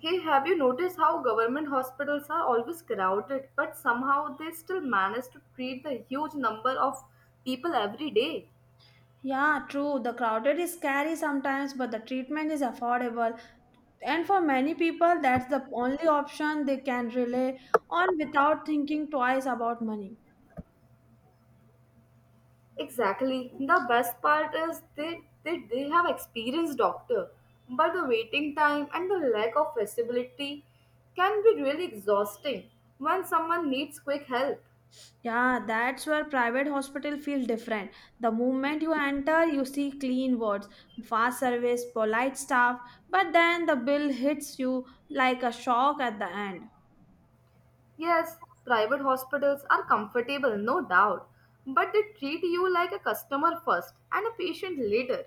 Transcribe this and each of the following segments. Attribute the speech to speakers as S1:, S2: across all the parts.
S1: Hey, have you noticed how government hospitals are always crowded, but somehow they still manage to treat the huge number of people every day?
S2: Yeah, true. The crowded is scary sometimes, but the treatment is affordable. And for many people, that's the only option they can rely on without thinking twice about money.
S1: Exactly. The best part is they have experienced doctor, but the waiting time and the lack of facility can be really exhausting when someone needs quick help.
S2: Yeah, that's where private hospital feel different. The moment you enter, you see clean wards, fast service, polite staff, but then the bill hits you like a shock at the end.
S1: Yes, private hospitals are comfortable, no doubt, but they treat you like a customer first and a patient later.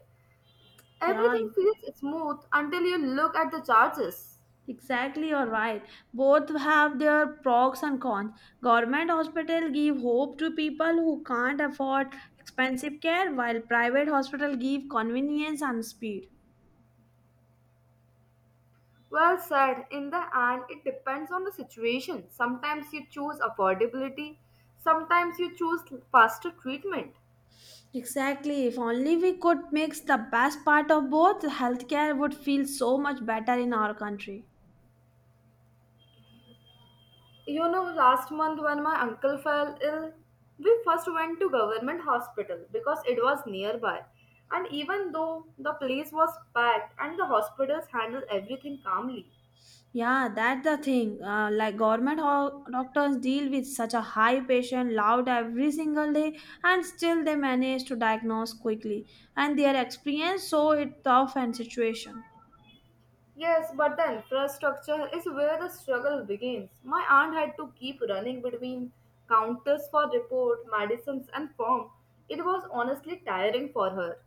S2: Yeah,
S1: Everything feels smooth until you look at the charges.
S2: exactly, you're right. Both have their pros and cons. Government hospital give hope to people who can't afford expensive care, while private hospital give convenience and speed.
S1: Well said, in the end, it depends on the situation. Sometimes you choose affordability, sometimes you choose faster treatment.
S2: Exactly. If only we could mix the best part of both, healthcare would feel so much better in our country.
S1: You know, last month when my uncle fell ill, we first went to government hospital because it was nearby. And even though the place was packed and the hospitals handled everything calmly,
S2: Yeah, that's the thing. Like government doctors deal with such a high patient load every single day, and still they manage to diagnose quickly. And their experience so it tough and situation.
S1: yes, but the infrastructure is where the struggle begins. My aunt had to keep running between counters for report, medicines, and form. It was honestly tiring for her.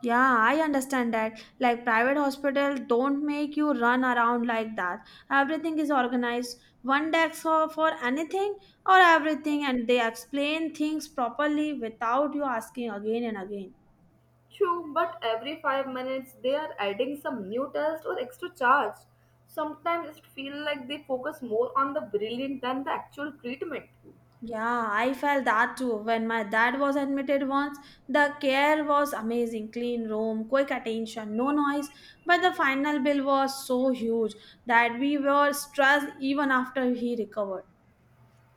S2: Yeah, I understand that. Like private hospital don't make you run around like that. Everything is organized. One desk for anything or everything, and they explain things properly without you asking again and again.
S1: True, but every 5 minutes they are adding some new test or extra charge. Sometimes it feels like they focus more on the brilliant than the actual treatment.
S2: Yeah, I felt that too. When my dad was admitted once, the care was amazing. Clean room, quick attention, no noise. But the final bill was so huge that we were stressed even after he recovered.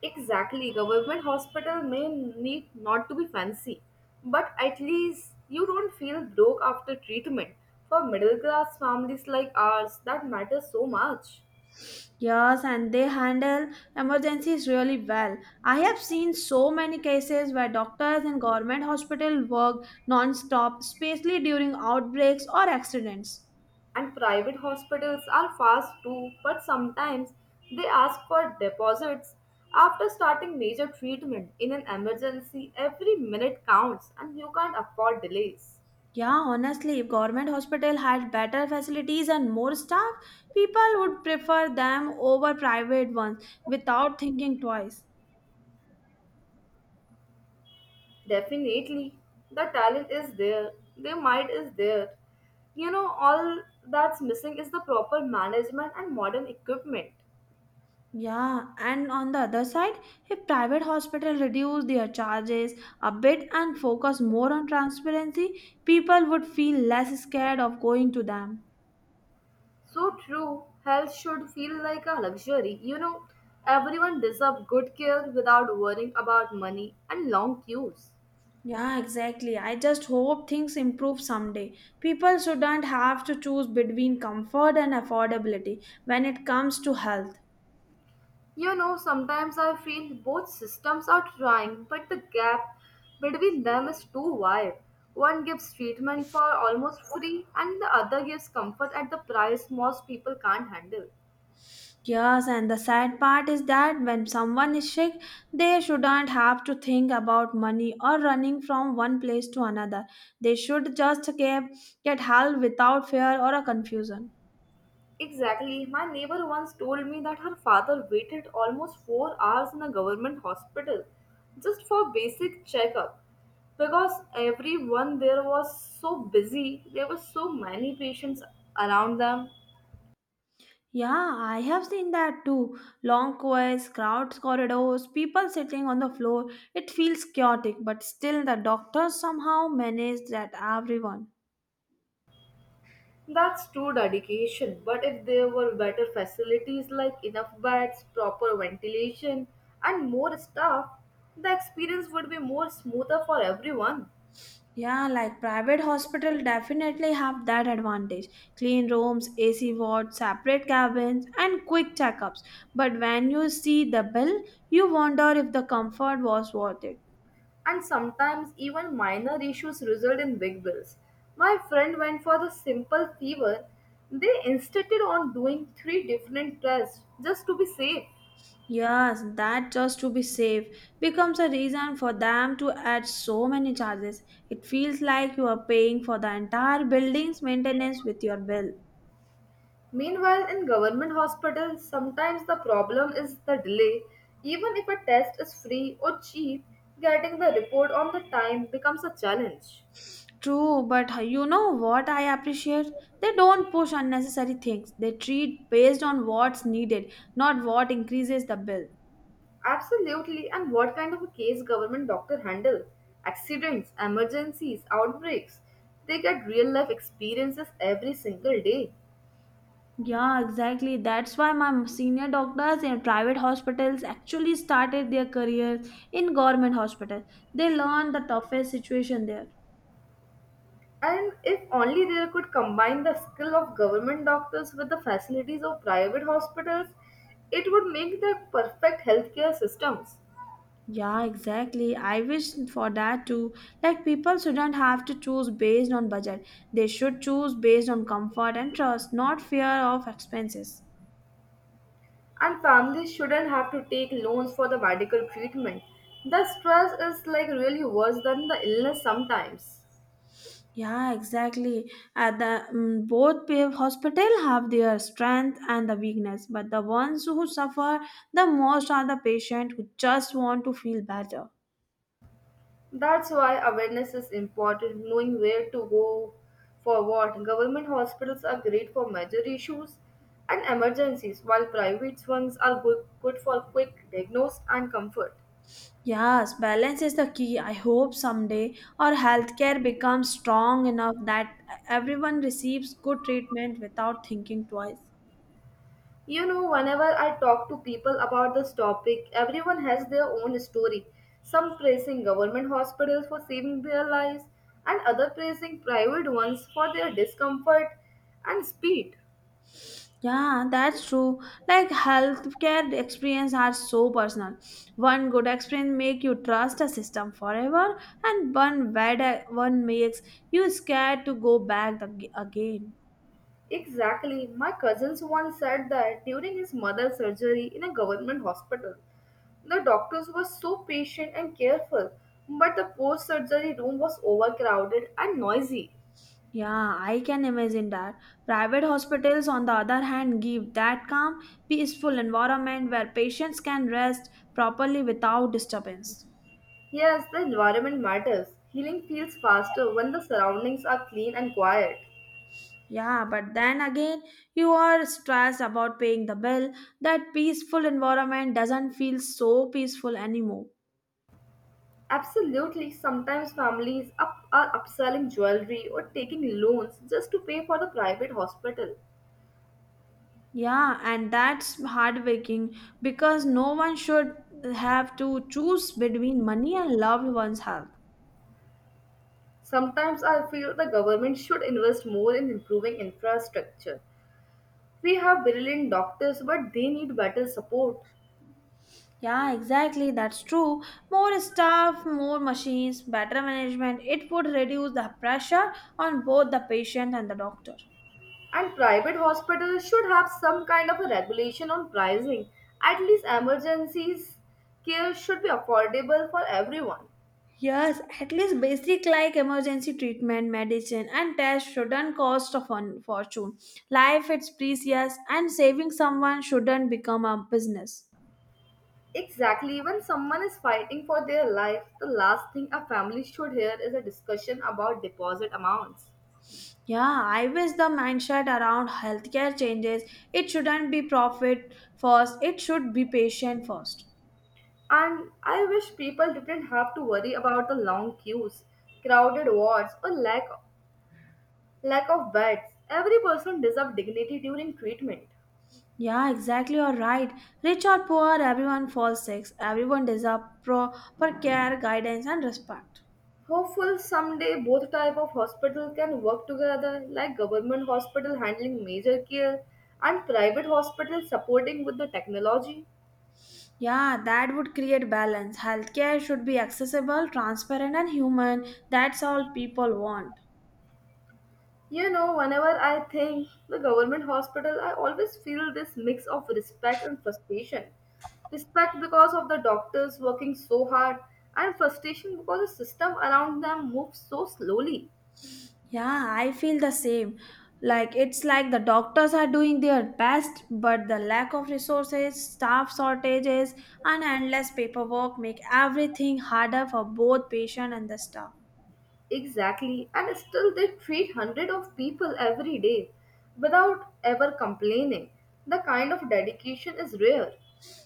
S1: Exactly. Government hospital may need not to be fancy, but at least you don't feel broke after treatment. For middle class families like ours, that matters so much.
S2: Yes, and they handle emergencies really well. I have seen so many cases where doctors in government hospital work non-stop, especially during outbreaks or accidents.
S1: And private hospitals are fast too, but sometimes they ask for deposits. After starting major treatment in an emergency, every minute counts and you can't afford delays.
S2: Yeah, honestly, if government hospital had better facilities and more staff, people would prefer them over private ones without thinking twice.
S1: Definitely. The talent is there. The mind is there. You know, all that's missing is the proper management and modern equipment.
S2: Yeah, and on the other side, if private hospital reduce their charges a bit and focus more on transparency, people would feel less scared of going to them.
S1: So true. Health should feel like a luxury. You know, everyone deserves good care without worrying about money and long queues.
S2: Yeah, exactly. I just hope things improve someday. People shouldn't have to choose between comfort and affordability when it comes to health.
S1: You know, sometimes I feel both systems are trying, but the gap between them is too wide. One gives treatment for almost free, and the other gives comfort at the price most people can't handle.
S2: Yes, and the sad part is that when someone is sick, they shouldn't have to think about money or running from one place to another. They should just get help without fear or a confusion.
S1: Exactly. My neighbor once told me that her father waited almost 4 hours in a government hospital just for basic checkup because everyone there was so busy, there were so many patients around them.
S2: Yeah, I have seen that too. Long queues, crowds, corridors, people sitting on the floor. It feels chaotic, but still the doctors somehow manage that everyone.
S1: That's true dedication, but if there were better facilities like enough beds, proper ventilation, and more staff, the experience would be more smoother for everyone.
S2: Yeah, like private hospital definitely have that advantage. Clean rooms, AC wards, separate cabins, and quick checkups. But when you see the bill, you wonder if the comfort was worth it.
S1: And sometimes even minor issues result in big bills. My friend went for the simple fever. They insisted on doing three different tests just to be safe.
S2: Yes, that just to be safe becomes a reason for them to add so many charges. It feels like you are paying for the entire building's maintenance with your bill.
S1: Meanwhile, in government hospitals, sometimes the problem is the delay. Even if a test is free or cheap, getting the report on the time becomes a challenge.
S2: True, but you know what I appreciate? They don't push unnecessary things. They treat based on what's needed, not what increases the bill.
S1: Absolutely. And what kind of a case government doctor handle? Accidents, emergencies, outbreaks. They get real life experiences every single day.
S2: Yeah, exactly. That's why my senior doctors in private hospitals actually started their careers in government hospitals. They learned the toughest situation there.
S1: And if only they could combine the skill of government doctors with the facilities of private hospitals, it would make the perfect healthcare systems.
S2: Yeah, exactly. I wish for that too. Like people shouldn't have to choose based on budget. They should choose based on comfort and trust, not fear of expenses.
S1: And families shouldn't have to take loans for the medical treatment. The stress is like really worse than the illness sometimes.
S2: Yeah, exactly. At the both hospital have their strength and the weakness, but the ones who suffer the most are the patient who just want to feel better.
S1: That's why awareness is important, knowing where to go for what. Government hospitals are great for major issues and emergencies, while private ones are good for quick diagnosis and comfort.
S2: Yes, balance is the key. I hope someday our healthcare becomes strong enough that everyone receives good treatment without thinking twice.
S1: You know, whenever I talk to people about this topic, everyone has their own story. Some praising government hospitals for saving their lives, and other praising private ones for their discomfort and speed.
S2: Yeah, that's true. Like healthcare experience are so personal. One good experience make you trust a system forever, and one bad one makes you scared to go back again.
S1: Exactly, my cousins once said that during his mother's surgery in a government hospital, the doctors were so patient and careful, but the post surgery room was overcrowded and noisy.
S2: Yeah, I can imagine that. Private hospitals, on the other hand, give that calm, peaceful environment where patients can rest properly without disturbance.
S1: Yes, the environment matters. Healing feels faster when the surroundings are clean and quiet.
S2: Yeah, but then again, you are stressed about paying the bill. That peaceful environment doesn't feel so peaceful anymore.
S1: Absolutely, sometimes families up are upselling jewelry or taking loans just to pay for the private hospital.
S2: Yeah, and that's heartbreaking because no one should have to choose between money and loved one's health.
S1: Sometimes I feel the government should invest more in improving infrastructure. We have brilliant doctors, but they need better support.
S2: Yeah, exactly, that's true. More staff, more machines, better management, it would reduce the pressure on both the patient and the doctor.
S1: And private hospitals should have some kind of a regulation on pricing. At least emergencies care should be affordable for everyone.
S2: Yes, at least basic like emergency treatment, medicine, and tests shouldn't cost a fun fortune. Life is precious, and saving someone shouldn't become a business.
S1: Exactly, when someone is fighting for their life, the last thing a family should hear is a discussion about deposit amounts.
S2: Yeah, I wish the mindset around healthcare changes. It shouldn't be profit first, it should be patient first.
S1: And I wish people didn't have to worry about the long queues, crowded wards, or lack of beds. Every person deserves dignity during treatment.
S2: Yeah, exactly, you're right. Rich or poor, everyone falls sick. Everyone deserves proper care, guidance, and respect.
S1: Hopeful someday both type of hospital can work together, like government hospital handling major care and private hospital supporting with the technology.
S2: Yeah, that would create balance. Healthcare should be accessible, transparent, and human. That's all people want.
S1: You know, whenever I think the government hospital, I always feel this mix of respect and frustration. Respect because of the doctors working so hard, and frustration because the system around them moves so slowly.
S2: Yeah, I feel the same. Like it's like the doctors are doing their best, but the lack of resources, staff shortages, and endless paperwork make everything harder for both patient and the staff.
S1: Exactly, and still they treat hundreds of people every day without ever complaining. The kind of dedication is rare.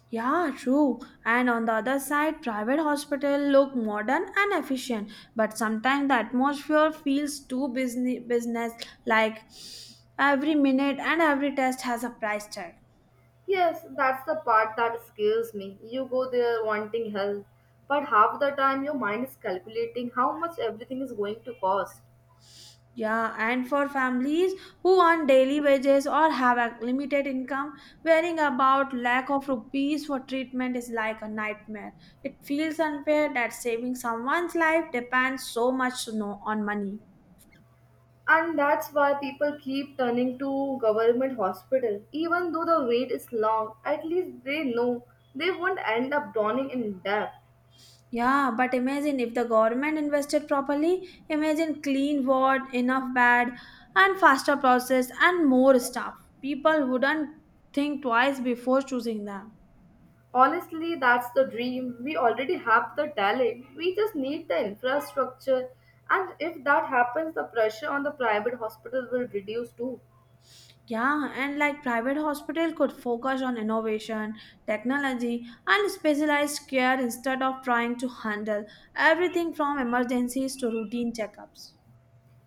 S2: Yeah, true. And on the other side, private hospital look modern and efficient, but sometimes the atmosphere feels too business like every minute and every test has a price tag.
S1: Yes, that's the part that scares me. You go there wanting help, but half the time your mind is calculating how much everything is going to cost.
S2: Yeah, and for families who earn daily wages or have a limited income, worrying about lack of rupees for treatment is like a nightmare. It feels unfair that saving someone's life depends so much on money.
S1: And that's why people keep turning to government hospital. Even though the wait is long, at least they know they won't end up drowning in debt.
S2: Yeah, but imagine if the government invested properly, imagine clean ward, enough bed, and faster process and more staff. People wouldn't think twice before choosing them.
S1: Honestly, that's the dream. We already have the talent. We just need the infrastructure. And if that happens, the pressure on the private hospital will reduce too.
S2: Yeah, and like private hospital could focus on innovation, technology, and specialized care instead of trying to handle everything from emergencies to routine checkups.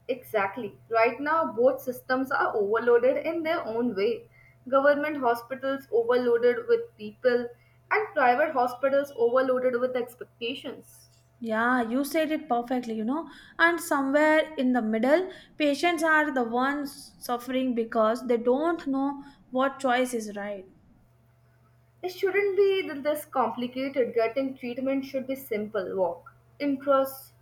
S1: Exactly. Right now, both systems are overloaded in their own way. Government hospitals overloaded with people, and private hospitals overloaded with expectations.
S2: Yeah, you said it perfectly, you know. And somewhere in the middle, patients are the ones suffering because they don't know what choice is right.
S1: It shouldn't be this complicated. Getting treatment should be simple. Walk in, trust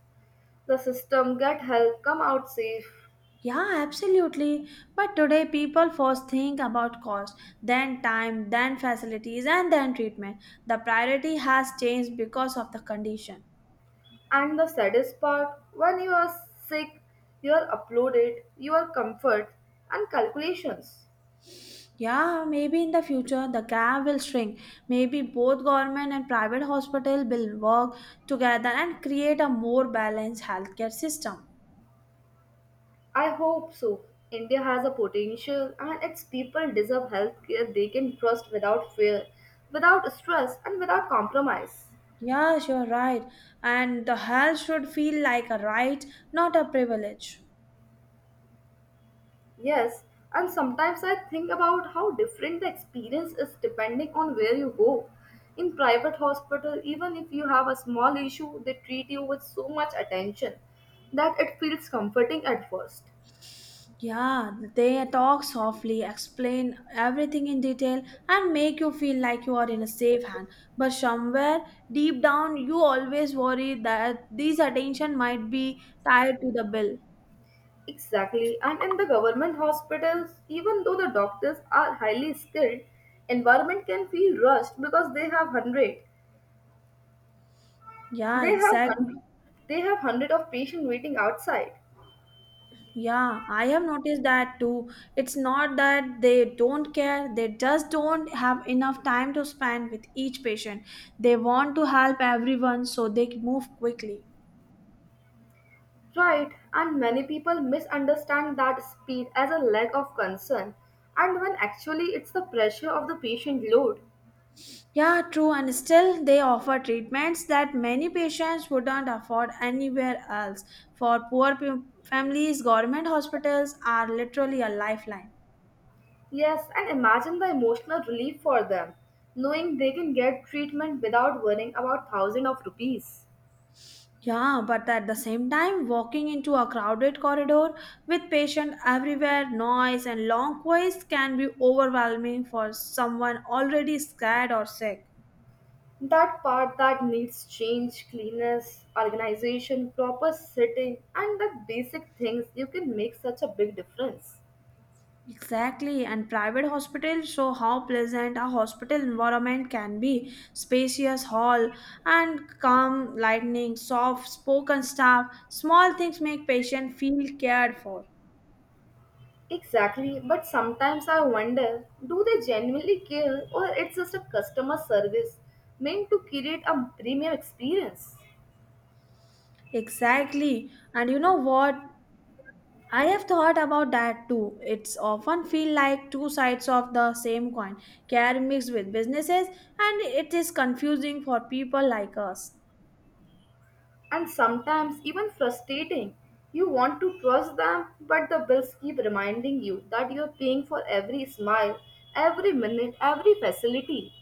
S1: the system, get help, come out safe.
S2: Yeah, absolutely. But today, people first think about cost, then time, then facilities, and then treatment. The priority has changed because of the condition.
S1: And the saddest part when you are sick, you are uploaded, your comfort, and calculations.
S2: Yeah, maybe in the future the gap will shrink. Maybe both government and private hospital will work together and create a more balanced healthcare system.
S1: I hope so. India has a potential and its people deserve healthcare they can trust without fear, without stress, and without compromise.
S2: Yes, you're right. And the health should feel like a right, not a privilege.
S1: Yes, and sometimes I think about how different the experience is depending on where you go. In private hospital, even if you have a small issue, they treat you with so much attention that it feels comforting at first.
S2: Yeah, they talk softly, explain everything in detail, and make you feel like you are in a safe hand. But somewhere deep down, you always worry that this attention might be tied to the bill.
S1: Exactly. And in the government hospitals, even though the doctors are highly skilled, environment can feel rushed because They
S2: Yeah,
S1: have hundred.
S2: exactly.
S1: They have hundred of patients waiting outside.
S2: Yeah, I have noticed that too. It's not that they don't care, they just don't have enough time to spend with each patient. They want to help everyone so they move quickly.
S1: Right. And many people misunderstand that speed as a lack of concern, and when actually it's the pressure of the patient load.
S2: Yeah, true, and still they offer treatments that many patients wouldn't afford anywhere else. For families, government hospitals are literally a lifeline.
S1: Yes, and imagine the emotional relief for them, knowing they can get treatment without worrying about thousands of rupees.
S2: Yeah, but at the same time, walking into a crowded corridor with patients everywhere, noise, and long queues can be overwhelming for someone already scared or sick.
S1: That part that needs change, cleanliness, organization, proper sitting, and the basic things you can make such a big difference.
S2: Exactly, and private hospitals show how pleasant a hospital environment can be. Spacious hall and calm lightning, soft spoken staff, small things make patient feel cared for.
S1: Exactly, but sometimes I wonder, do they genuinely care or it's just a customer service meant to create a premium experience?
S2: Exactly. And you know what? I have thought about that too. It's often feel like two sides of the same coin, care mixed with businesses, and it is confusing for people like us.
S1: And sometimes even frustrating. You want to trust them, but the bills keep reminding you that you're paying for every smile, every minute, every facility.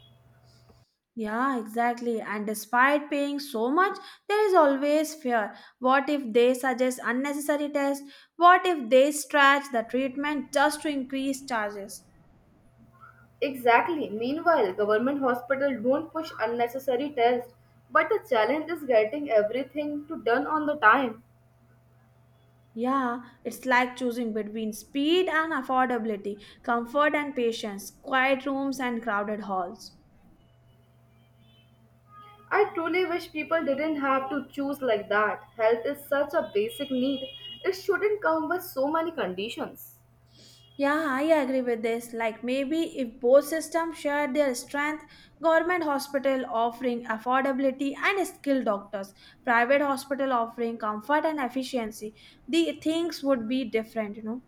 S2: Yeah, exactly. And despite paying so much, there is always fear. What if they suggest unnecessary tests? What if they stretch the treatment just to increase charges?
S1: Exactly. Meanwhile, government hospitals don't push unnecessary tests, but the challenge is getting everything to done on the time.
S2: Yeah, it's like choosing between speed and affordability, comfort and patience, quiet rooms and crowded halls.
S1: I truly wish people didn't have to choose like that. Health is such a basic need. It shouldn't come with so many conditions.
S2: Yeah, I agree with this. Like maybe if both systems shared their strength, government hospital offering affordability and skilled doctors, private hospital offering comfort and efficiency, the things would be different, you know.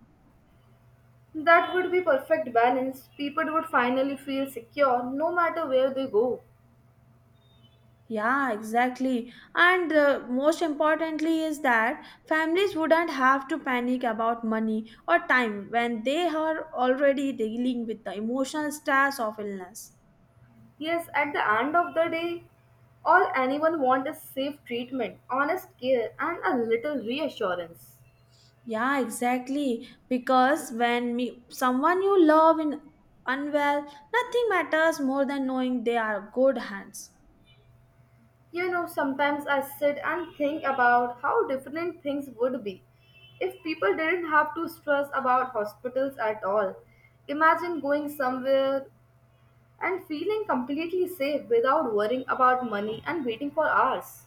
S1: That would be perfect balance. People would finally feel secure no matter where they go.
S2: Yeah, exactly. And most importantly is that families wouldn't have to panic about money or time when they are already dealing with the emotional stress of illness.
S1: Yes, at the end of the day, all anyone wants is safe treatment, honest care, and a little reassurance.
S2: Yeah, exactly. Because when me, someone you love in unwell, nothing matters more than knowing they are good hands.
S1: You know, sometimes I sit and think about how different things would be if people didn't have to stress about hospitals at all. Imagine going somewhere and feeling completely safe without worrying about money and waiting for hours.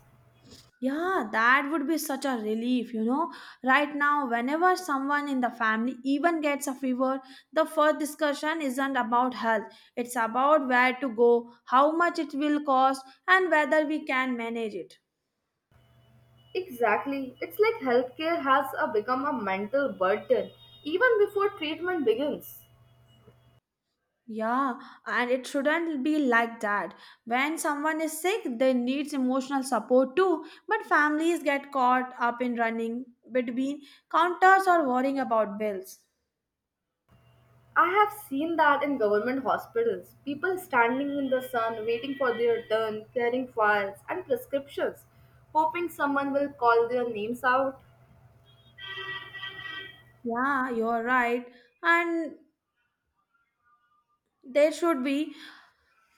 S2: Yeah, that would be such a relief, you know. Right now, whenever someone in the family even gets a fever, the first discussion isn't about health. It's about where to go, how much it will cost, and whether we can manage it.
S1: Exactly. It's like healthcare has become a mental burden even before treatment begins.
S2: Yeah, and it shouldn't be like that. When someone is sick, they needs emotional support too. But families get caught up in running between counters or worrying about bills.
S1: I have seen that in government hospitals. People standing in the sun, waiting for their turn, carrying files and prescriptions, hoping someone will call their names out.
S2: Yeah, you're right. And there should be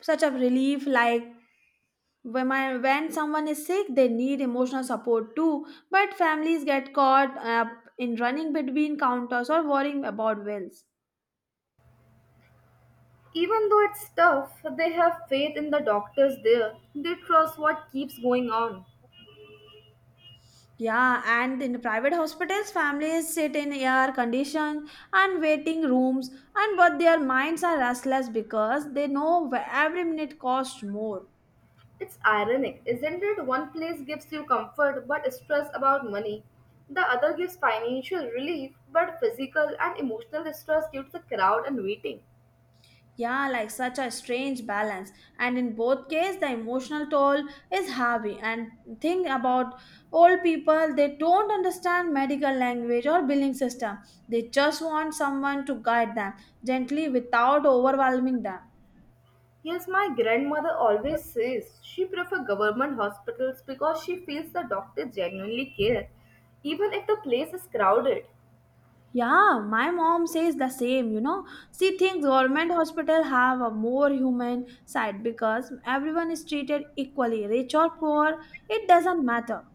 S2: such a relief like when when someone is sick, they need emotional support too. But families get caught up in running between counters or worrying about bills.
S1: Even though it's tough, they have faith in the doctors there. They trust what keeps going on.
S2: Yeah, and in private hospitals, families sit in air conditioned and waiting rooms, and but their minds are restless because they know every minute costs more.
S1: It's ironic, isn't it? One place gives you comfort but stress about money. The other gives financial relief but physical and emotional stress due to the crowd and waiting.
S2: Yeah, like such a strange balance. And in both cases, the emotional toll is heavy. And think about old people, they don't understand medical language or billing system. They just want someone to guide them gently without overwhelming them.
S1: Yes, my grandmother always says she prefers government hospitals because she feels the doctors genuinely care, even if the place is crowded.
S2: Yeah, my mom says the same, you know. She thinks government hospital have a more human side because everyone is treated equally, rich or poor, it doesn't matter.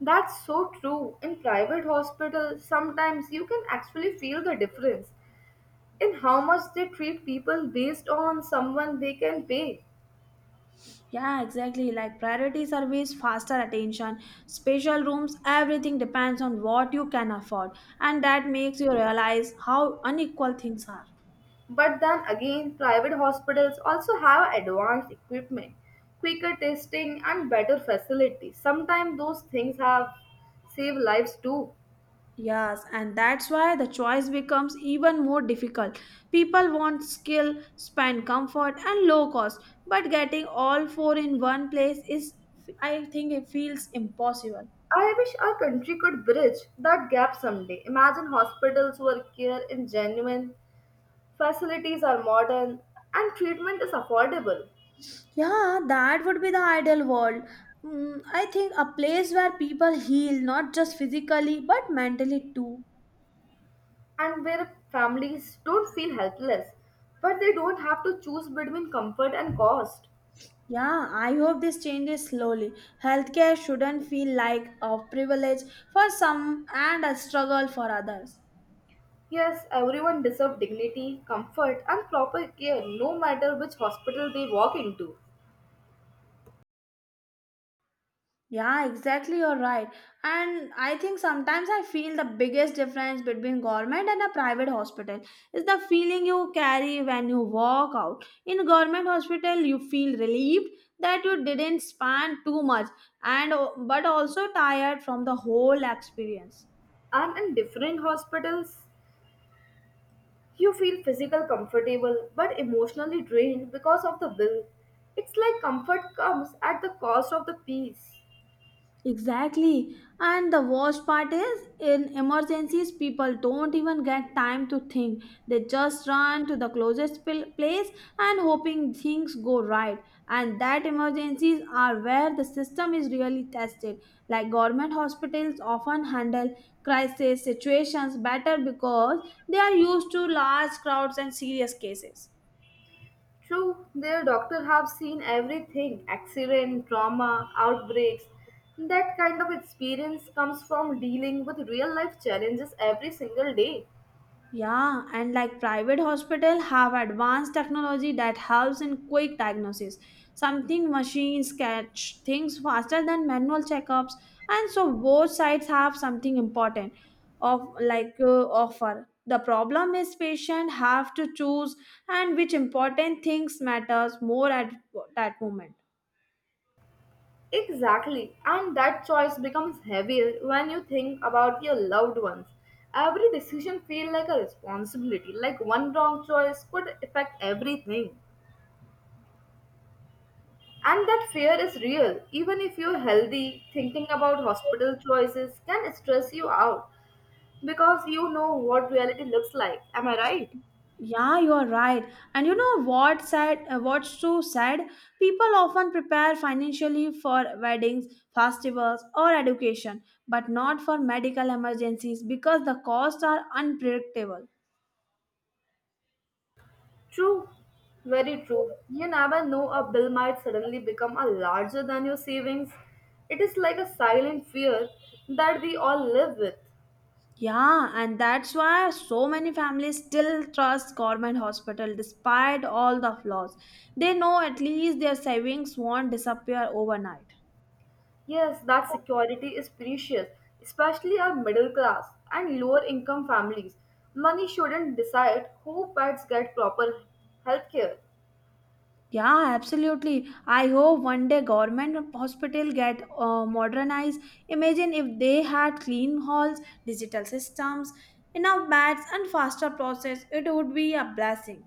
S1: That's so true. In private hospitals, sometimes you can actually feel the difference in how much they treat people based on someone they can pay.
S2: Yeah, exactly. Like priority service, faster attention, special rooms, everything depends on what you can afford. And that makes you realize how unequal things are.
S1: But then again, private hospitals also have advanced equipment, quicker testing, and better facilities. Sometimes those things have saved lives too.
S2: Yes, and that's why the choice becomes even more difficult. People want skill, spend comfort, and low cost, but getting all four in one place is, I think, it feels impossible.
S1: I wish our country could bridge that gap someday. Imagine hospitals where care is genuine, facilities are modern, and treatment is affordable,
S2: Yeah, that would be the ideal world. Mm, I think a place where people heal not just physically but mentally too.
S1: and where families don't feel helpless, but they don't have to choose between comfort and cost.
S2: Yeah, I hope this changes slowly. Healthcare shouldn't feel like a privilege for some and a struggle for others.
S1: Yes, everyone deserves dignity, comfort, and proper care no matter which hospital they walk into.
S2: Yeah, exactly. You're right. And I think sometimes I feel the biggest difference between government and a private hospital is the feeling you carry when you walk out. In government hospital, you feel relieved that you didn't span too much and but also tired from the whole experience.
S1: And in different hospitals, you feel physical comfortable but emotionally drained because of the bill. It's like comfort comes at the cost of the peace.
S2: Exactly. And the worst part is in emergencies, people don't even get time to think. They just run to the place and hoping things go right. And that emergencies are where the system is really tested. Like government hospitals often handle crisis situations better because they are used to large crowds and serious cases.
S1: True, their doctor have seen everything accident, trauma, outbreaks. That kind of experience comes from dealing with real life challenges every single day.
S2: Yeah, and like private hospital have advanced technology that helps in quick diagnosis. Something machines catch things faster than manual checkups, and so both sides have something important of like offer. The problem is patient have to choose and which important things matters more at that moment.
S1: Exactly, and that choice becomes heavier when you think about your loved ones. Every decision feels like a responsibility, like one wrong choice could affect everything. And that fear is real. Even if you're healthy, thinking about hospital choices can stress you out because you know what reality looks like. Am I right?
S2: Yeah, you are right. And you know what said, what's true said? People often prepare financially for weddings, festivals, or education, but not for medical emergencies because the costs are unpredictable.
S1: True. Very true. You never know a bill might suddenly become a larger than your savings. It is like a silent fear that we all live with.
S2: Yeah, and that's why so many families still trust government hospital despite all the flaws. They know at least their savings won't disappear overnight.
S1: Yes, that security is precious, especially our middle class and lower income families. Money shouldn't decide who pets get proper health care.
S2: Yeah, absolutely. I hope one day government hospital get modernized. Imagine if they had clean halls, digital systems, enough beds and faster process. It would be a blessing.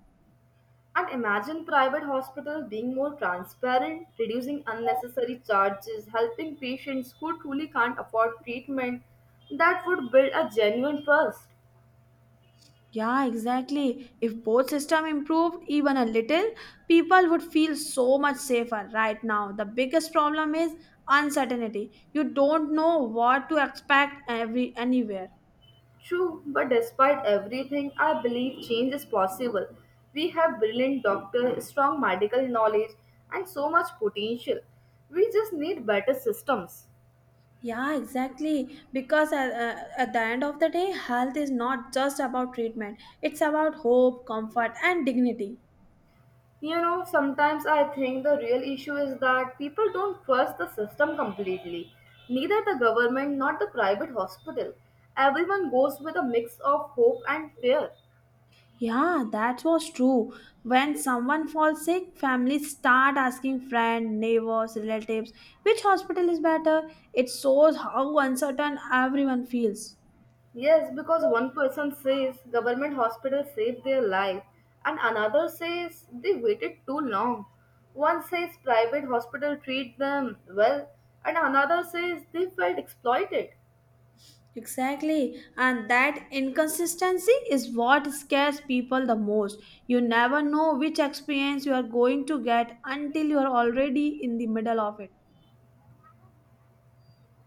S1: And imagine private hospitals being more transparent, reducing unnecessary charges, helping patients who truly can't afford treatment. That would build a genuine trust.
S2: Yeah, exactly. If both system improved even a little, people would feel so much safer right now. The biggest problem is uncertainty. You don't know what to expect every anywhere.
S1: True, but despite everything, I believe change is possible. We have brilliant doctors, strong medical knowledge, and so much potential. We just need better systems.
S2: Yeah, exactly. Because at the end of the day, health is not just about treatment, it's about hope, comfort, and dignity.
S1: You know, sometimes I think the real issue is that people don't trust the system completely. Neither the government nor the private hospital. Everyone goes with a mix of hope and fear.
S2: Yeah, that was true. When someone falls sick, families start asking friends, neighbors, relatives, which hospital is better. It shows how uncertain everyone feels.
S1: Yes, because one person says government hospital saved their life and another says they waited too long. One says private hospital treat them well and another says they felt exploited.
S2: Exactly, and that inconsistency is what scares people the most. You never know which experience you are going to get until you are already in the middle of it.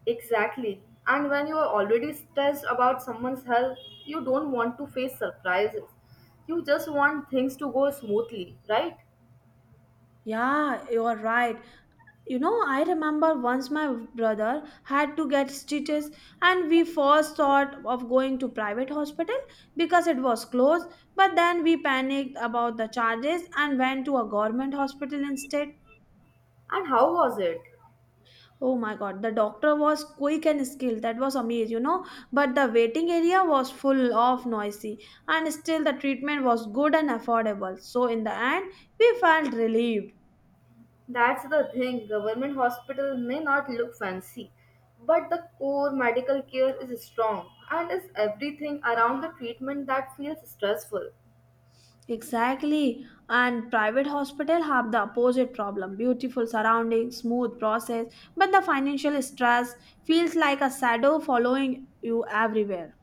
S1: Exactly. And when you are already stressed about someone's health, you don't want to face surprises. You just want things to go smoothly, right?
S2: Yeah, you are right. You know, I remember once my brother had to get stitches, and we first thought of going to private hospital because it was close, but then we panicked about the charges and went to a government hospital instead.
S1: And how was it?
S2: Oh my god, the doctor was quick and skilled. That was amazing, you know. But the waiting area was full of noisy, and still the treatment was good and affordable. So in the end, we felt relieved.
S1: That's the thing. Government hospital may not look fancy, but the core medical care is strong and is everything around the treatment that feels stressful.
S2: Exactly. And private hospital have the opposite problem. Beautiful surroundings, smooth process, but the financial stress feels like a shadow following you everywhere.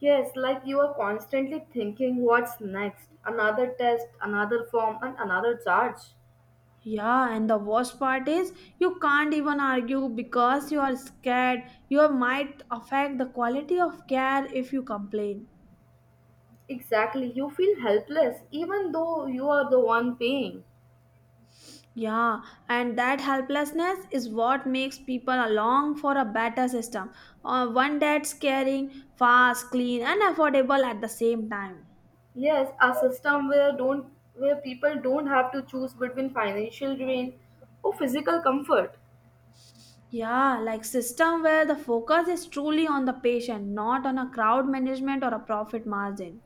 S1: Yes, like you are constantly thinking what's next, another test, another form, and another charge.
S2: Yeah, and the worst part is you can't even argue because you are scared. You might affect the quality of care if you complain.
S1: Exactly. You feel helpless even though you are the one paying.
S2: Yeah, and that helplessness is what makes people along for a better system, one that's caring, fast, clean, and affordable at the same time.
S1: Yes, a system where don't where people don't have to choose between financial drain or physical comfort.
S2: Yeah, like system where the focus is truly on the patient, not on a crowd management or a profit margin.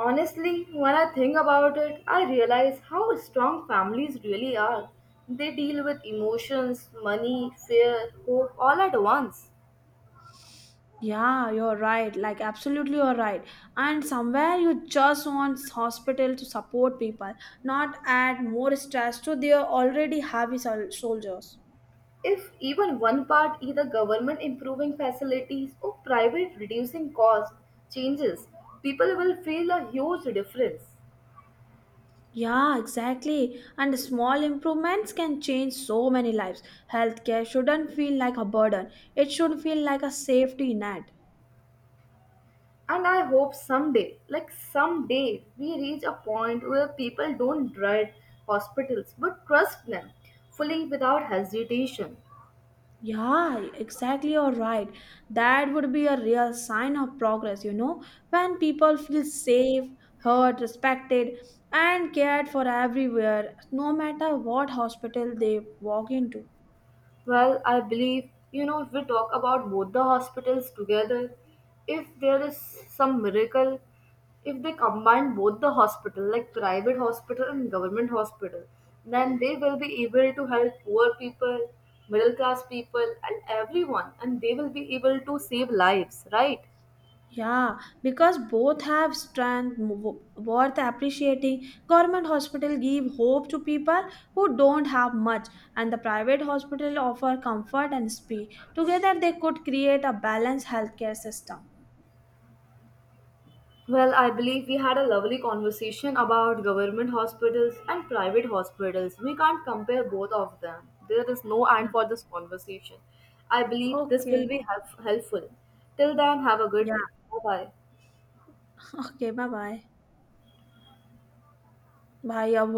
S1: Honestly, when I think about it, I realize how strong families really are. They deal with emotions, money, fear, hope all at once.
S2: Yeah, you're right. Like, absolutely, you're right. And somewhere you just want hospital to support people, not add more stress to their already soldiers.
S1: If even one part, either government improving facilities or private reducing costs, changes, people will feel a huge difference.
S2: Yeah, exactly. And small improvements can change so many lives. Healthcare shouldn't feel like a burden, it should feel like a safety net.
S1: And I hope someday, we reach a point where people don't dread hospitals but trust them fully without hesitation.
S2: Yeah, exactly. You're right. That would be a real sign of progress, you know, when people feel safe, heard, respected, and cared for everywhere, no matter what hospital they walk into.
S1: Well, I believe, you know, if we talk about both the hospitals together, if there is some miracle, if they combine both the hospital, like private hospital and government hospital, then they will be able to help poor people, middle class people, and everyone, and they will be able to save lives, right?
S2: Yeah, because both worth appreciating. Government hospital give hope to people who don't have much, and the private hospital offer comfort and speed. Together, they could create a balanced healthcare system.
S1: Well, I believe we had a lovely conversation about government hospitals and private hospitals. We can't compare both of them. There is no
S2: Yeah.
S1: end for this conversation. I believe this will
S2: Okay.
S1: be helpful. Till then, have a good
S2: Yeah.
S1: day. Bye bye.
S2: Okay, bye-bye. Bye, bye. Your